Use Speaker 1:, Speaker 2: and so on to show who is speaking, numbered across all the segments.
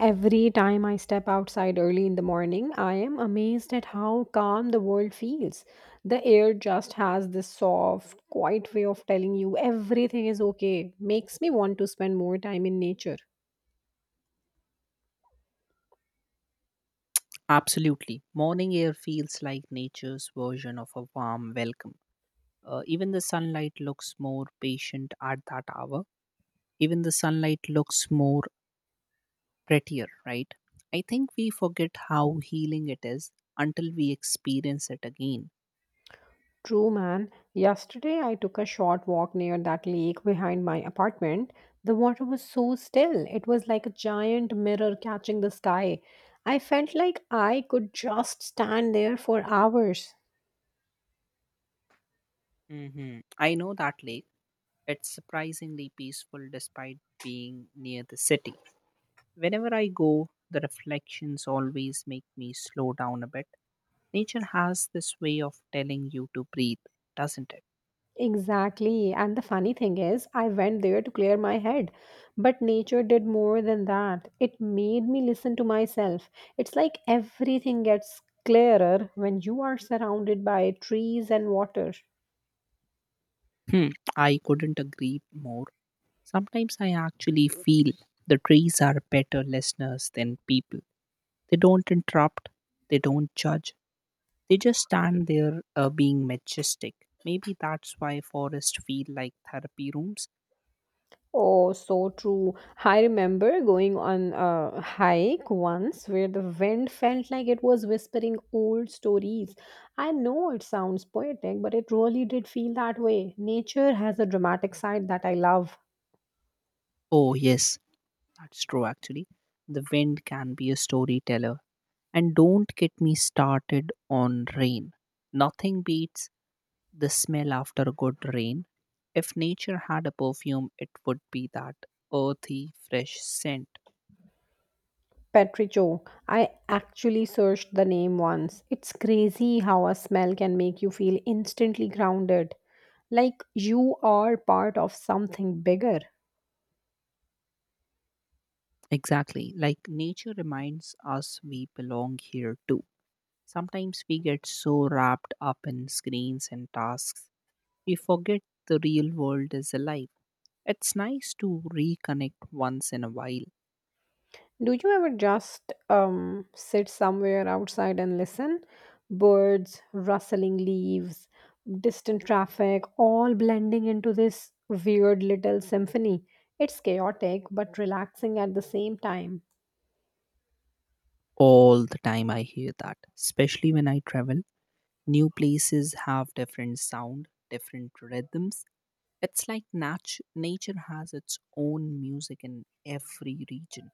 Speaker 1: Every time I step outside early in the morning, I am amazed at how calm the world feels. The air just has this soft, quiet way of telling you everything is okay. Makes me want to spend more time in nature.
Speaker 2: Absolutely. Morning air feels like nature's version of a warm welcome. Even the sunlight looks more patient at that hour. Even the sunlight looks more prettier, right? I think we forget how healing it is until we experience it again.
Speaker 1: True, man. Yesterday I took a short walk near that lake behind my apartment. The water was so still. It was like a giant mirror catching the sky. I felt like I could just stand there for hours.
Speaker 2: I know that lake. It's surprisingly peaceful despite being near the city. Whenever I go, the reflections always make me slow down a bit. Nature has this way of telling you to breathe, doesn't it?
Speaker 1: Exactly. And the funny thing is, I went there to clear my head. But nature did more than that. It made me listen to myself. It's like everything gets clearer when you are surrounded by trees and water.
Speaker 2: Hmm, I couldn't agree more. Sometimes I actually feel the trees are better listeners than people. They don't interrupt, they don't judge, they just stand there being majestic. Maybe that's why forests feel like therapy rooms.
Speaker 1: Oh, so true. I remember going on a hike once where the wind felt like it was whispering old stories. I know it sounds poetic, but it really did feel that way. Nature has a dramatic side that I love.
Speaker 2: Oh, yes, that's true actually. The wind can be a storyteller. And don't get me started on rain. Nothing beats the smell after a good rain. If nature had a perfume, it would be that earthy, fresh scent.
Speaker 1: Petricho. I actually searched the name once. It's crazy how a smell can make you feel instantly grounded, like you are part of something bigger.
Speaker 2: Exactly. Like nature reminds us we belong here too. Sometimes we get so wrapped up in screens and tasks, we forget the real world is alive. It's nice to reconnect once in a while.
Speaker 1: Do you ever just sit somewhere outside and listen? Birds, rustling leaves, distant traffic, all blending into this weird little symphony. It's chaotic but relaxing at the same time.
Speaker 2: All the time I hear that, especially when I travel. New places have different sound, different rhythms. It's like nature has its own music in every region.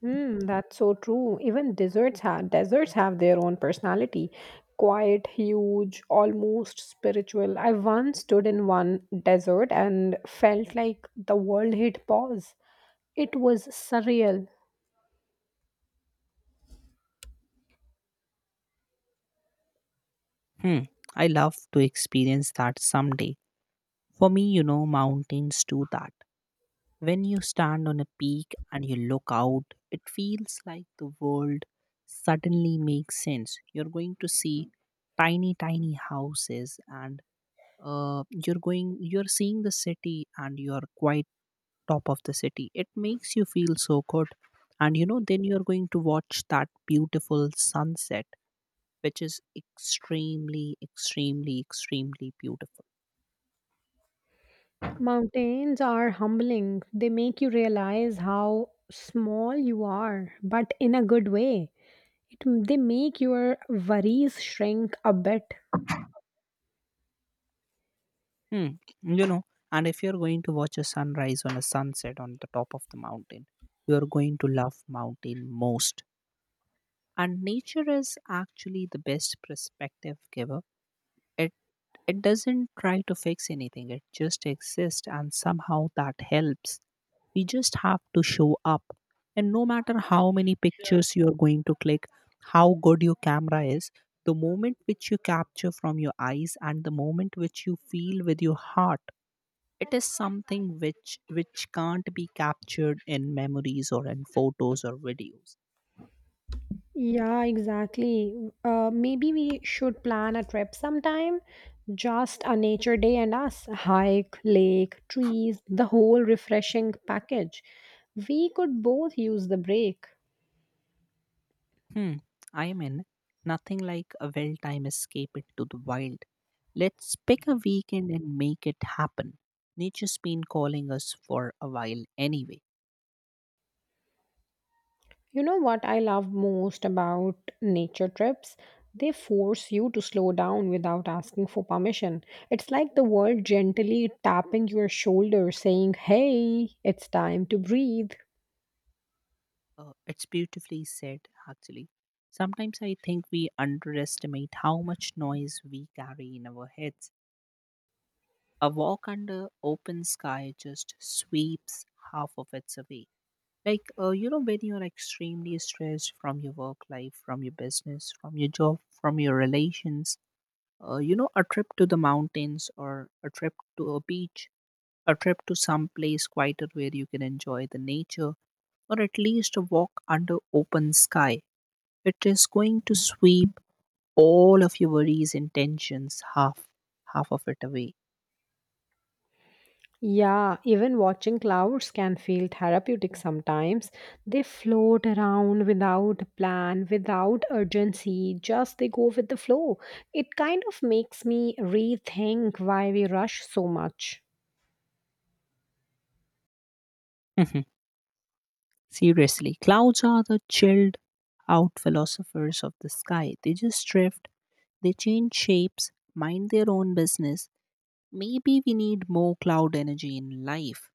Speaker 1: Hmm, that's so true. Even deserts have their own personality. Quiet, huge, almost spiritual. I once stood in one desert and felt like the world hit pause. It was surreal.
Speaker 2: Hmm. I love to experience that someday. For me, you know, mountains do that. When you stand on a peak and you look out, it feels like the world suddenly makes sense. You're going to see tiny, tiny houses and you're seeing the city and you're quite top of the city. It makes you feel so good. And you know, then you're going to watch that beautiful sunset, which is extremely, extremely, extremely beautiful.
Speaker 1: Mountains are humbling. They make you realize how small you are, but in a good way. It, they make your worries shrink a bit.
Speaker 2: Hmm. You know, and if you're going to watch a sunrise on a sunset on the top of the mountain, you're going to love mountain most. And nature is actually the best perspective giver. It it doesn't try to fix anything, it just exists and somehow that helps. We just have to show up. And no matter how many pictures you're going to click, how good your camera is, the moment which you capture from your eyes and the moment which you feel with your heart, it is something which can't be captured in memories or in photos or videos.
Speaker 1: Yeah, exactly. Maybe we should plan a trip sometime. Just a nature day and us. Hike, lake, trees, the whole refreshing package. We could both use the break.
Speaker 2: Hmm, I am in. Nothing like a well timed escape into the wild. Let's pick a weekend and make it happen. Nature's been calling us for a while anyway.
Speaker 1: You know what I love most about nature trips? They force you to slow down without asking for permission. It's like the world gently tapping your shoulder, saying, "Hey, it's time to breathe."
Speaker 2: It's beautifully said, actually. Sometimes I think we underestimate how much noise we carry in our heads. A walk under open sky just sweeps half of it away. Like, you know, when you're extremely stressed from your work life, from your business, from your job, from your relations, you know, a trip to the mountains or a trip to a beach, a trip to some place quieter where you can enjoy the nature, or at least a walk under open sky. It is going to sweep all of your worries and tensions, half of it away.
Speaker 1: Yeah, even watching clouds can feel therapeutic sometimes. They float around without a plan, without urgency, just they go with the flow. It kind of makes me rethink why we rush so much.
Speaker 2: Mhm. Seriously, clouds are the chilled out philosophers of the sky. They just drift, they change shapes, mind their own business. Maybe we need more cloud energy in life.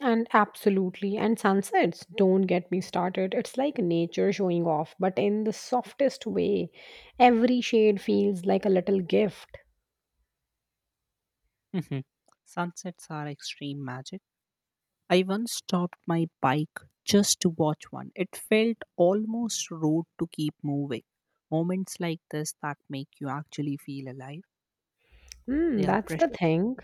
Speaker 1: And absolutely, and sunsets, don't get me started. It's like nature showing off, but in the softest way. Every shade feels like a little gift.
Speaker 2: Mhm. Sunsets are extreme magic. I once stopped my bike just to watch one. It felt almost rude to keep moving. Moments like this that make you actually feel alive,
Speaker 1: Hmm,
Speaker 2: they are
Speaker 1: that's the
Speaker 2: precious.
Speaker 1: thing.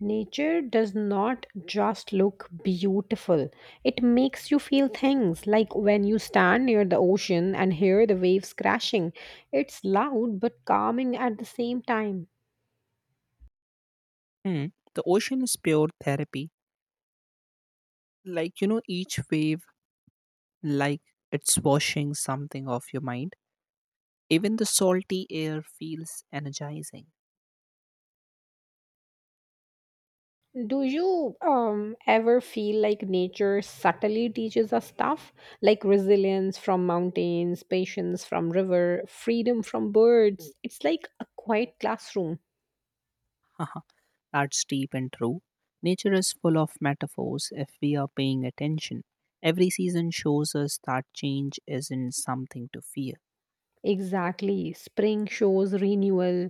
Speaker 1: Nature does not just look beautiful, it makes you feel things like when you stand near the ocean and hear the waves crashing. It's loud but calming at the same time.
Speaker 2: Hmm. The ocean is pure therapy. Like, you know, each wave, like, it's washing something off your mind. Even the salty air feels energizing.
Speaker 1: Do you ever feel like nature subtly teaches us stuff like resilience from mountains, patience from river, freedom from birds? It's like a quiet classroom.
Speaker 2: That's deep and true. Nature is full of metaphors if we are paying attention. Every season shows us that change isn't something to fear.
Speaker 1: Exactly. Spring shows renewal,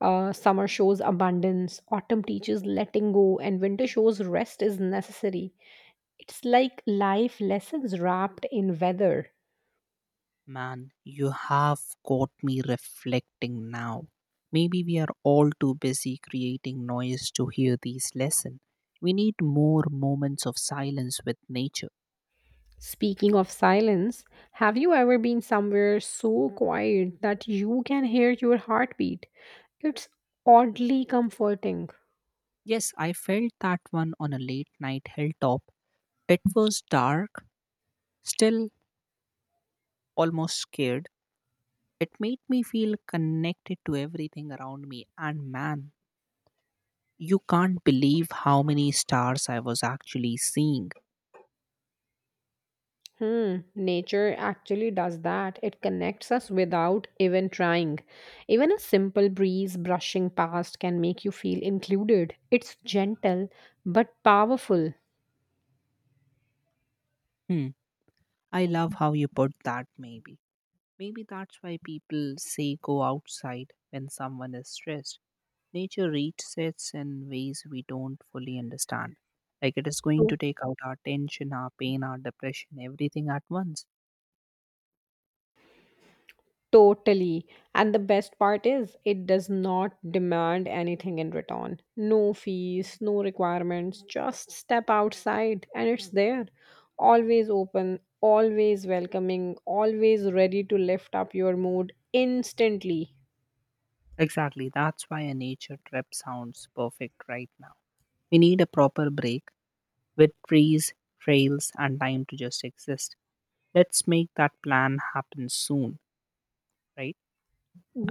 Speaker 1: summer shows abundance, autumn teaches letting go, and winter shows rest is necessary. It's like life lessons wrapped in weather.
Speaker 2: Man, you have got me reflecting now. Maybe we are all too busy creating noise to hear these lessons. We need more moments of silence with nature.
Speaker 1: Speaking of silence, have you ever been somewhere so quiet that you can hear your heartbeat? It's oddly comforting.
Speaker 2: Yes, I felt that one on a late night hilltop. It was dark, still, almost scared. It made me feel connected to everything around me. And man, you can't believe how many stars I was actually seeing.
Speaker 1: Hmm, nature actually does that. It connects us without even trying. Even a simple breeze brushing past can make you feel included. It's gentle but powerful.
Speaker 2: Hmm. I love how you put that. Maybe that's why people say go outside when someone is stressed. Nature resets in ways we don't fully understand. Like it is going to take out our tension, our pain, our depression, everything at once.
Speaker 1: Totally. And the best part is, it does not demand anything in return. No fees, no requirements. Just step outside and it's there. Always open, always welcoming, always ready to lift up your mood instantly.
Speaker 2: Exactly. That's why a nature trip sounds perfect right now. We need a proper break with trees, trails, and time to just exist. Let's make that plan happen soon, right?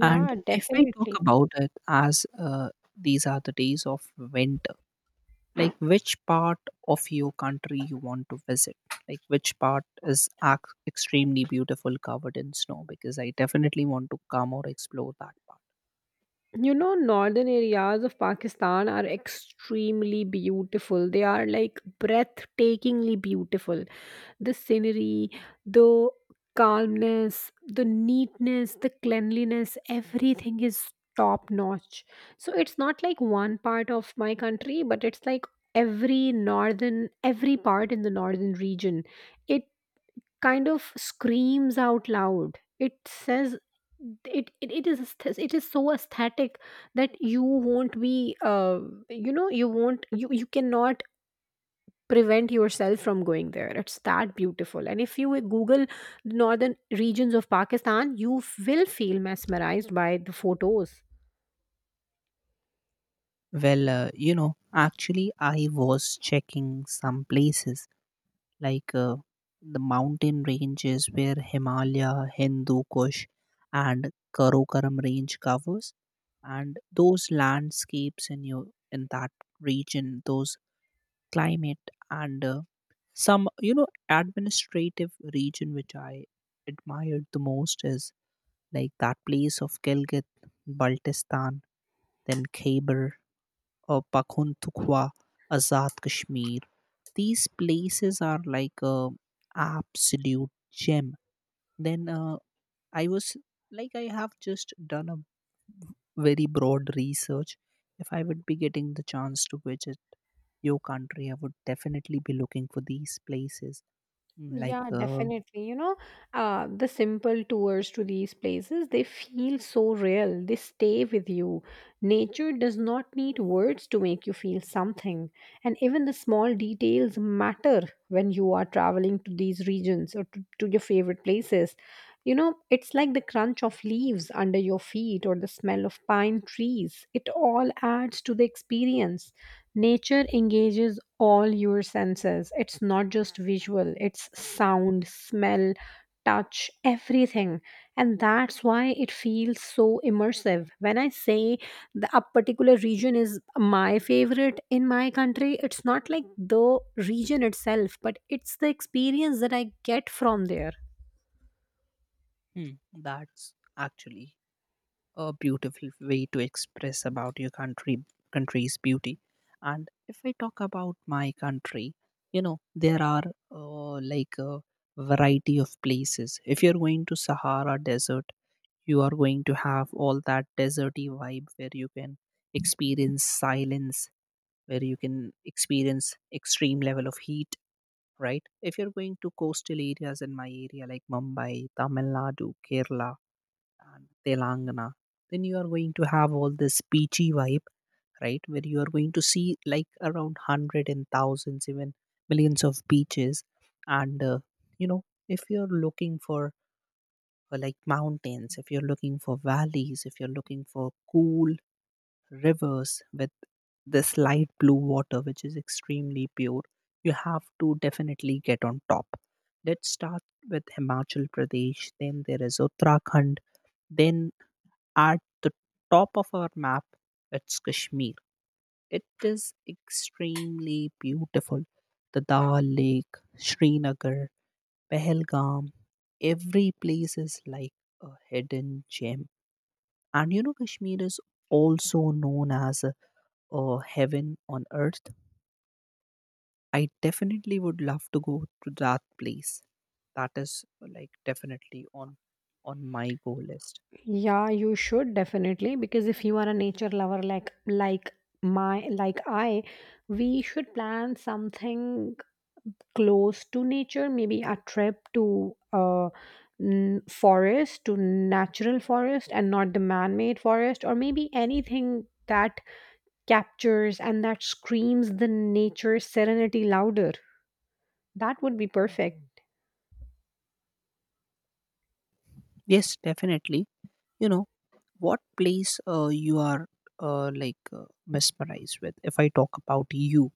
Speaker 2: And if we talk
Speaker 1: definitely.
Speaker 2: about it as these are the days of winter, like which part of your country you want to visit, like which part is extremely beautiful covered in snow, because I definitely want to come or explore that part.
Speaker 1: You know, northern areas of Pakistan are extremely beautiful. They are like breathtakingly beautiful. The scenery, the calmness, the neatness, the cleanliness, everything is top notch. So it's not like one part of my country, but it's like every northern, every part in the northern region. It kind of screams out loud, it says it is it is so aesthetic that you won't be you know you won't you cannot prevent yourself from going there. It's that beautiful. And if you google northern regions of Pakistan, you will feel mesmerized by the photos.
Speaker 2: Well, you know, actually I was checking some places, like the mountain ranges where Himalaya, Hindu Kush, and Karakoram range covers, and those landscapes in your in that region, those climate, and some, you know, administrative region which I admired the most is like that place of Gilgit Baltistan, then Khyber or Pakhuntukhwa, Azad Kashmir. These places are like a absolute gem. Then I was, like, I have just done a very broad research. If I would be getting the chance to visit your country, I would definitely be looking for these places. Mm, like
Speaker 1: Yeah, definitely. You know, the simple tours to these places, they feel so real. They stay with you. Nature does not need words to make you feel something. And even the small details matter when you are traveling to these regions or to your favorite places. You know, it's like the crunch of leaves under your feet or the smell of pine trees. It all adds to the experience. Nature engages all your senses. It's not just visual, it's sound, smell, touch, everything. And that's why it feels so immersive. When I say a particular region is my favorite in my country, it's not like the region itself, but it's the experience that I get from there.
Speaker 2: Hmm, that's actually a beautiful way to express about your country's beauty. And if I talk about my country, you know, there are like a variety of places. If you're going to Sahara Desert, you are going to have all that deserty vibe where you can experience silence, where you can experience extreme level of heat. Right. If you're going to coastal areas in my area, like Mumbai, Tamil Nadu, Kerala, and Telangana, then you are going to have all this beachy vibe, right? Where you are going to see like around hundred and thousands, even millions of beaches. And you know, if you're looking for like mountains, if you're looking for valleys, if you're looking for cool rivers with this light blue water, which is extremely pure, you have to definitely get on top. Let's start with Himachal Pradesh, then there is Uttarakhand, then at the top of our map, it's Kashmir. It is extremely beautiful. The Dal Lake, Srinagar, Pahalgam, every place is like a hidden gem. And you know, Kashmir is also known as a heaven on earth. I definitely would love to go to that place. That is like definitely on my go list.
Speaker 1: Yeah, you should definitely, because if you are a nature lover like my like I, we should plan something close to nature, maybe a trip to forest, to natural forest and not the man-made forest, or maybe anything that captures and that screams the nature serenity louder. That would be perfect.
Speaker 2: Yes, definitely. You know what place you are like mesmerized with? If I talk about you,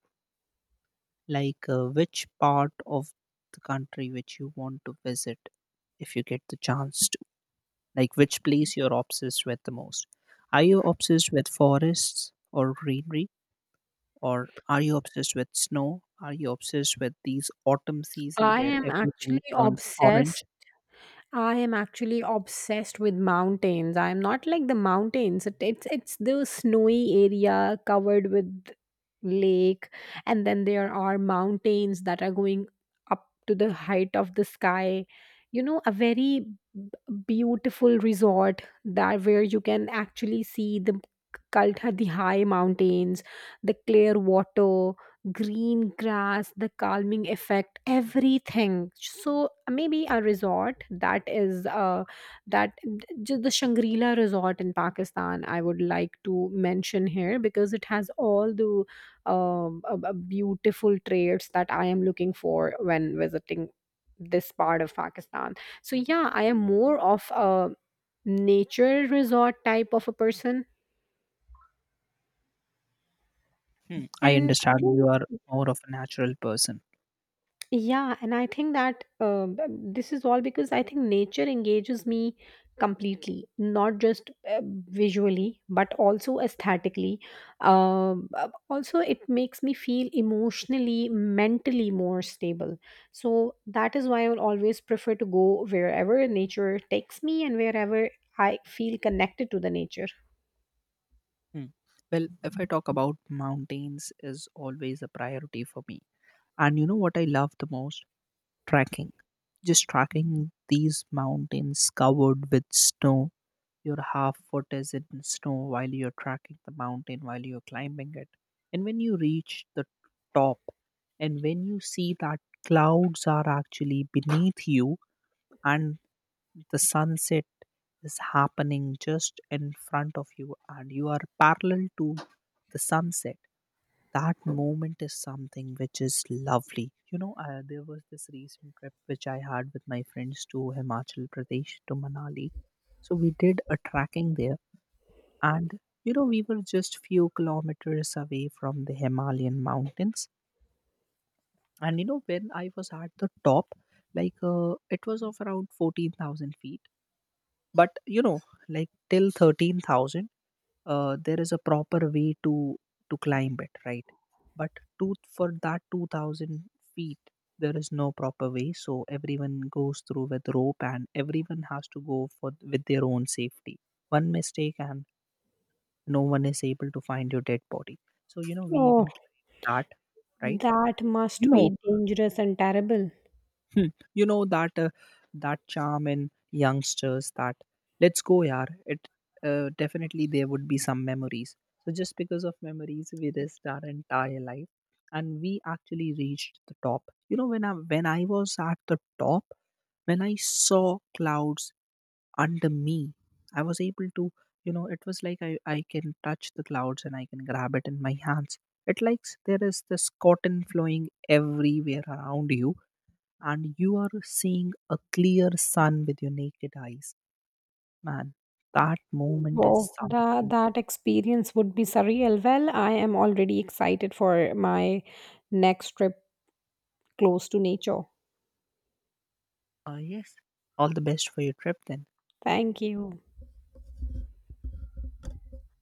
Speaker 2: like which part of the country which you want to visit if you get the chance to. Like which place you're obsessed with the most? Are you obsessed with forests or greenery? Or are you obsessed with snow? Are you obsessed with these autumn season
Speaker 1: I
Speaker 2: where
Speaker 1: am
Speaker 2: everything
Speaker 1: actually
Speaker 2: turns orange?
Speaker 1: obsessed I am actually obsessed with mountains. I am not like the mountains. It's the snowy area covered with lake, and then there are mountains that are going up to the height of the sky. You know, a very b- beautiful resort that where you can actually see the Kaltha, the high mountains, the clear water, green grass, the calming effect, everything. So maybe a resort that is that the Shangri-La resort in Pakistan. I would like to mention here, because it has all the beautiful traits that I am looking for when visiting this part of Pakistan. So yeah, I am more of a nature resort type of a person,
Speaker 2: Hmm, I
Speaker 1: and I
Speaker 2: understand
Speaker 1: think.
Speaker 2: you are more of a natural person.
Speaker 1: Yeah, and I think that this is all because I think nature engages me completely, not just visually, but also aesthetically. Also, it makes me feel emotionally, mentally more stable. So that is why I will always prefer to go wherever nature takes me and wherever I feel connected to the nature.
Speaker 2: Hmm. Well, if I talk about mountains is always a priority for me. And you know what I love the most? Trekking. Just tracking these mountains covered with snow. Your half foot is in snow while you're tracking the mountain, while you're climbing it. And when you reach the top, and when you see that clouds are actually beneath you, and the sunset is happening just in front of you and you are parallel to the sunset, that moment is something which is lovely. You know, there was this recent trip which I had with my friends to Himachal Pradesh, to Manali. So we did a tracking there. And you know, we were just few kilometers away from the Himalayan mountains. And you know, when I was at the top, like it was of around 14,000 feet. But you know, like till 13,000, there is a proper way to climb it, right? But to for that 2,000 feet, there is no proper way. So everyone goes through with rope, and everyone has to go for with their own safety. One mistake, and no one is able to find your dead body. So you know, we
Speaker 1: Oh,
Speaker 2: even claim that, right?
Speaker 1: that
Speaker 2: You
Speaker 1: must
Speaker 2: know,
Speaker 1: be dangerous and terrible.
Speaker 2: hmm, you know that that charm in youngsters that let's go yaar. It definitely there would be some memories. So just because of memories we risked our entire life, and we actually reached the top. You know, when I when I was at the top, when I saw clouds under me. I was able to, you know, it was like I can touch the clouds and I can grab it in my hands. It likes there is this cotton flowing everywhere around you, and you are seeing a clear sun with your naked eyes. Man, that moment is
Speaker 1: Wow, that
Speaker 2: something.
Speaker 1: that experience would be surreal. Well, I am already excited for my next trip close to nature.
Speaker 2: Yes, all the best for your trip then.
Speaker 1: Thank you.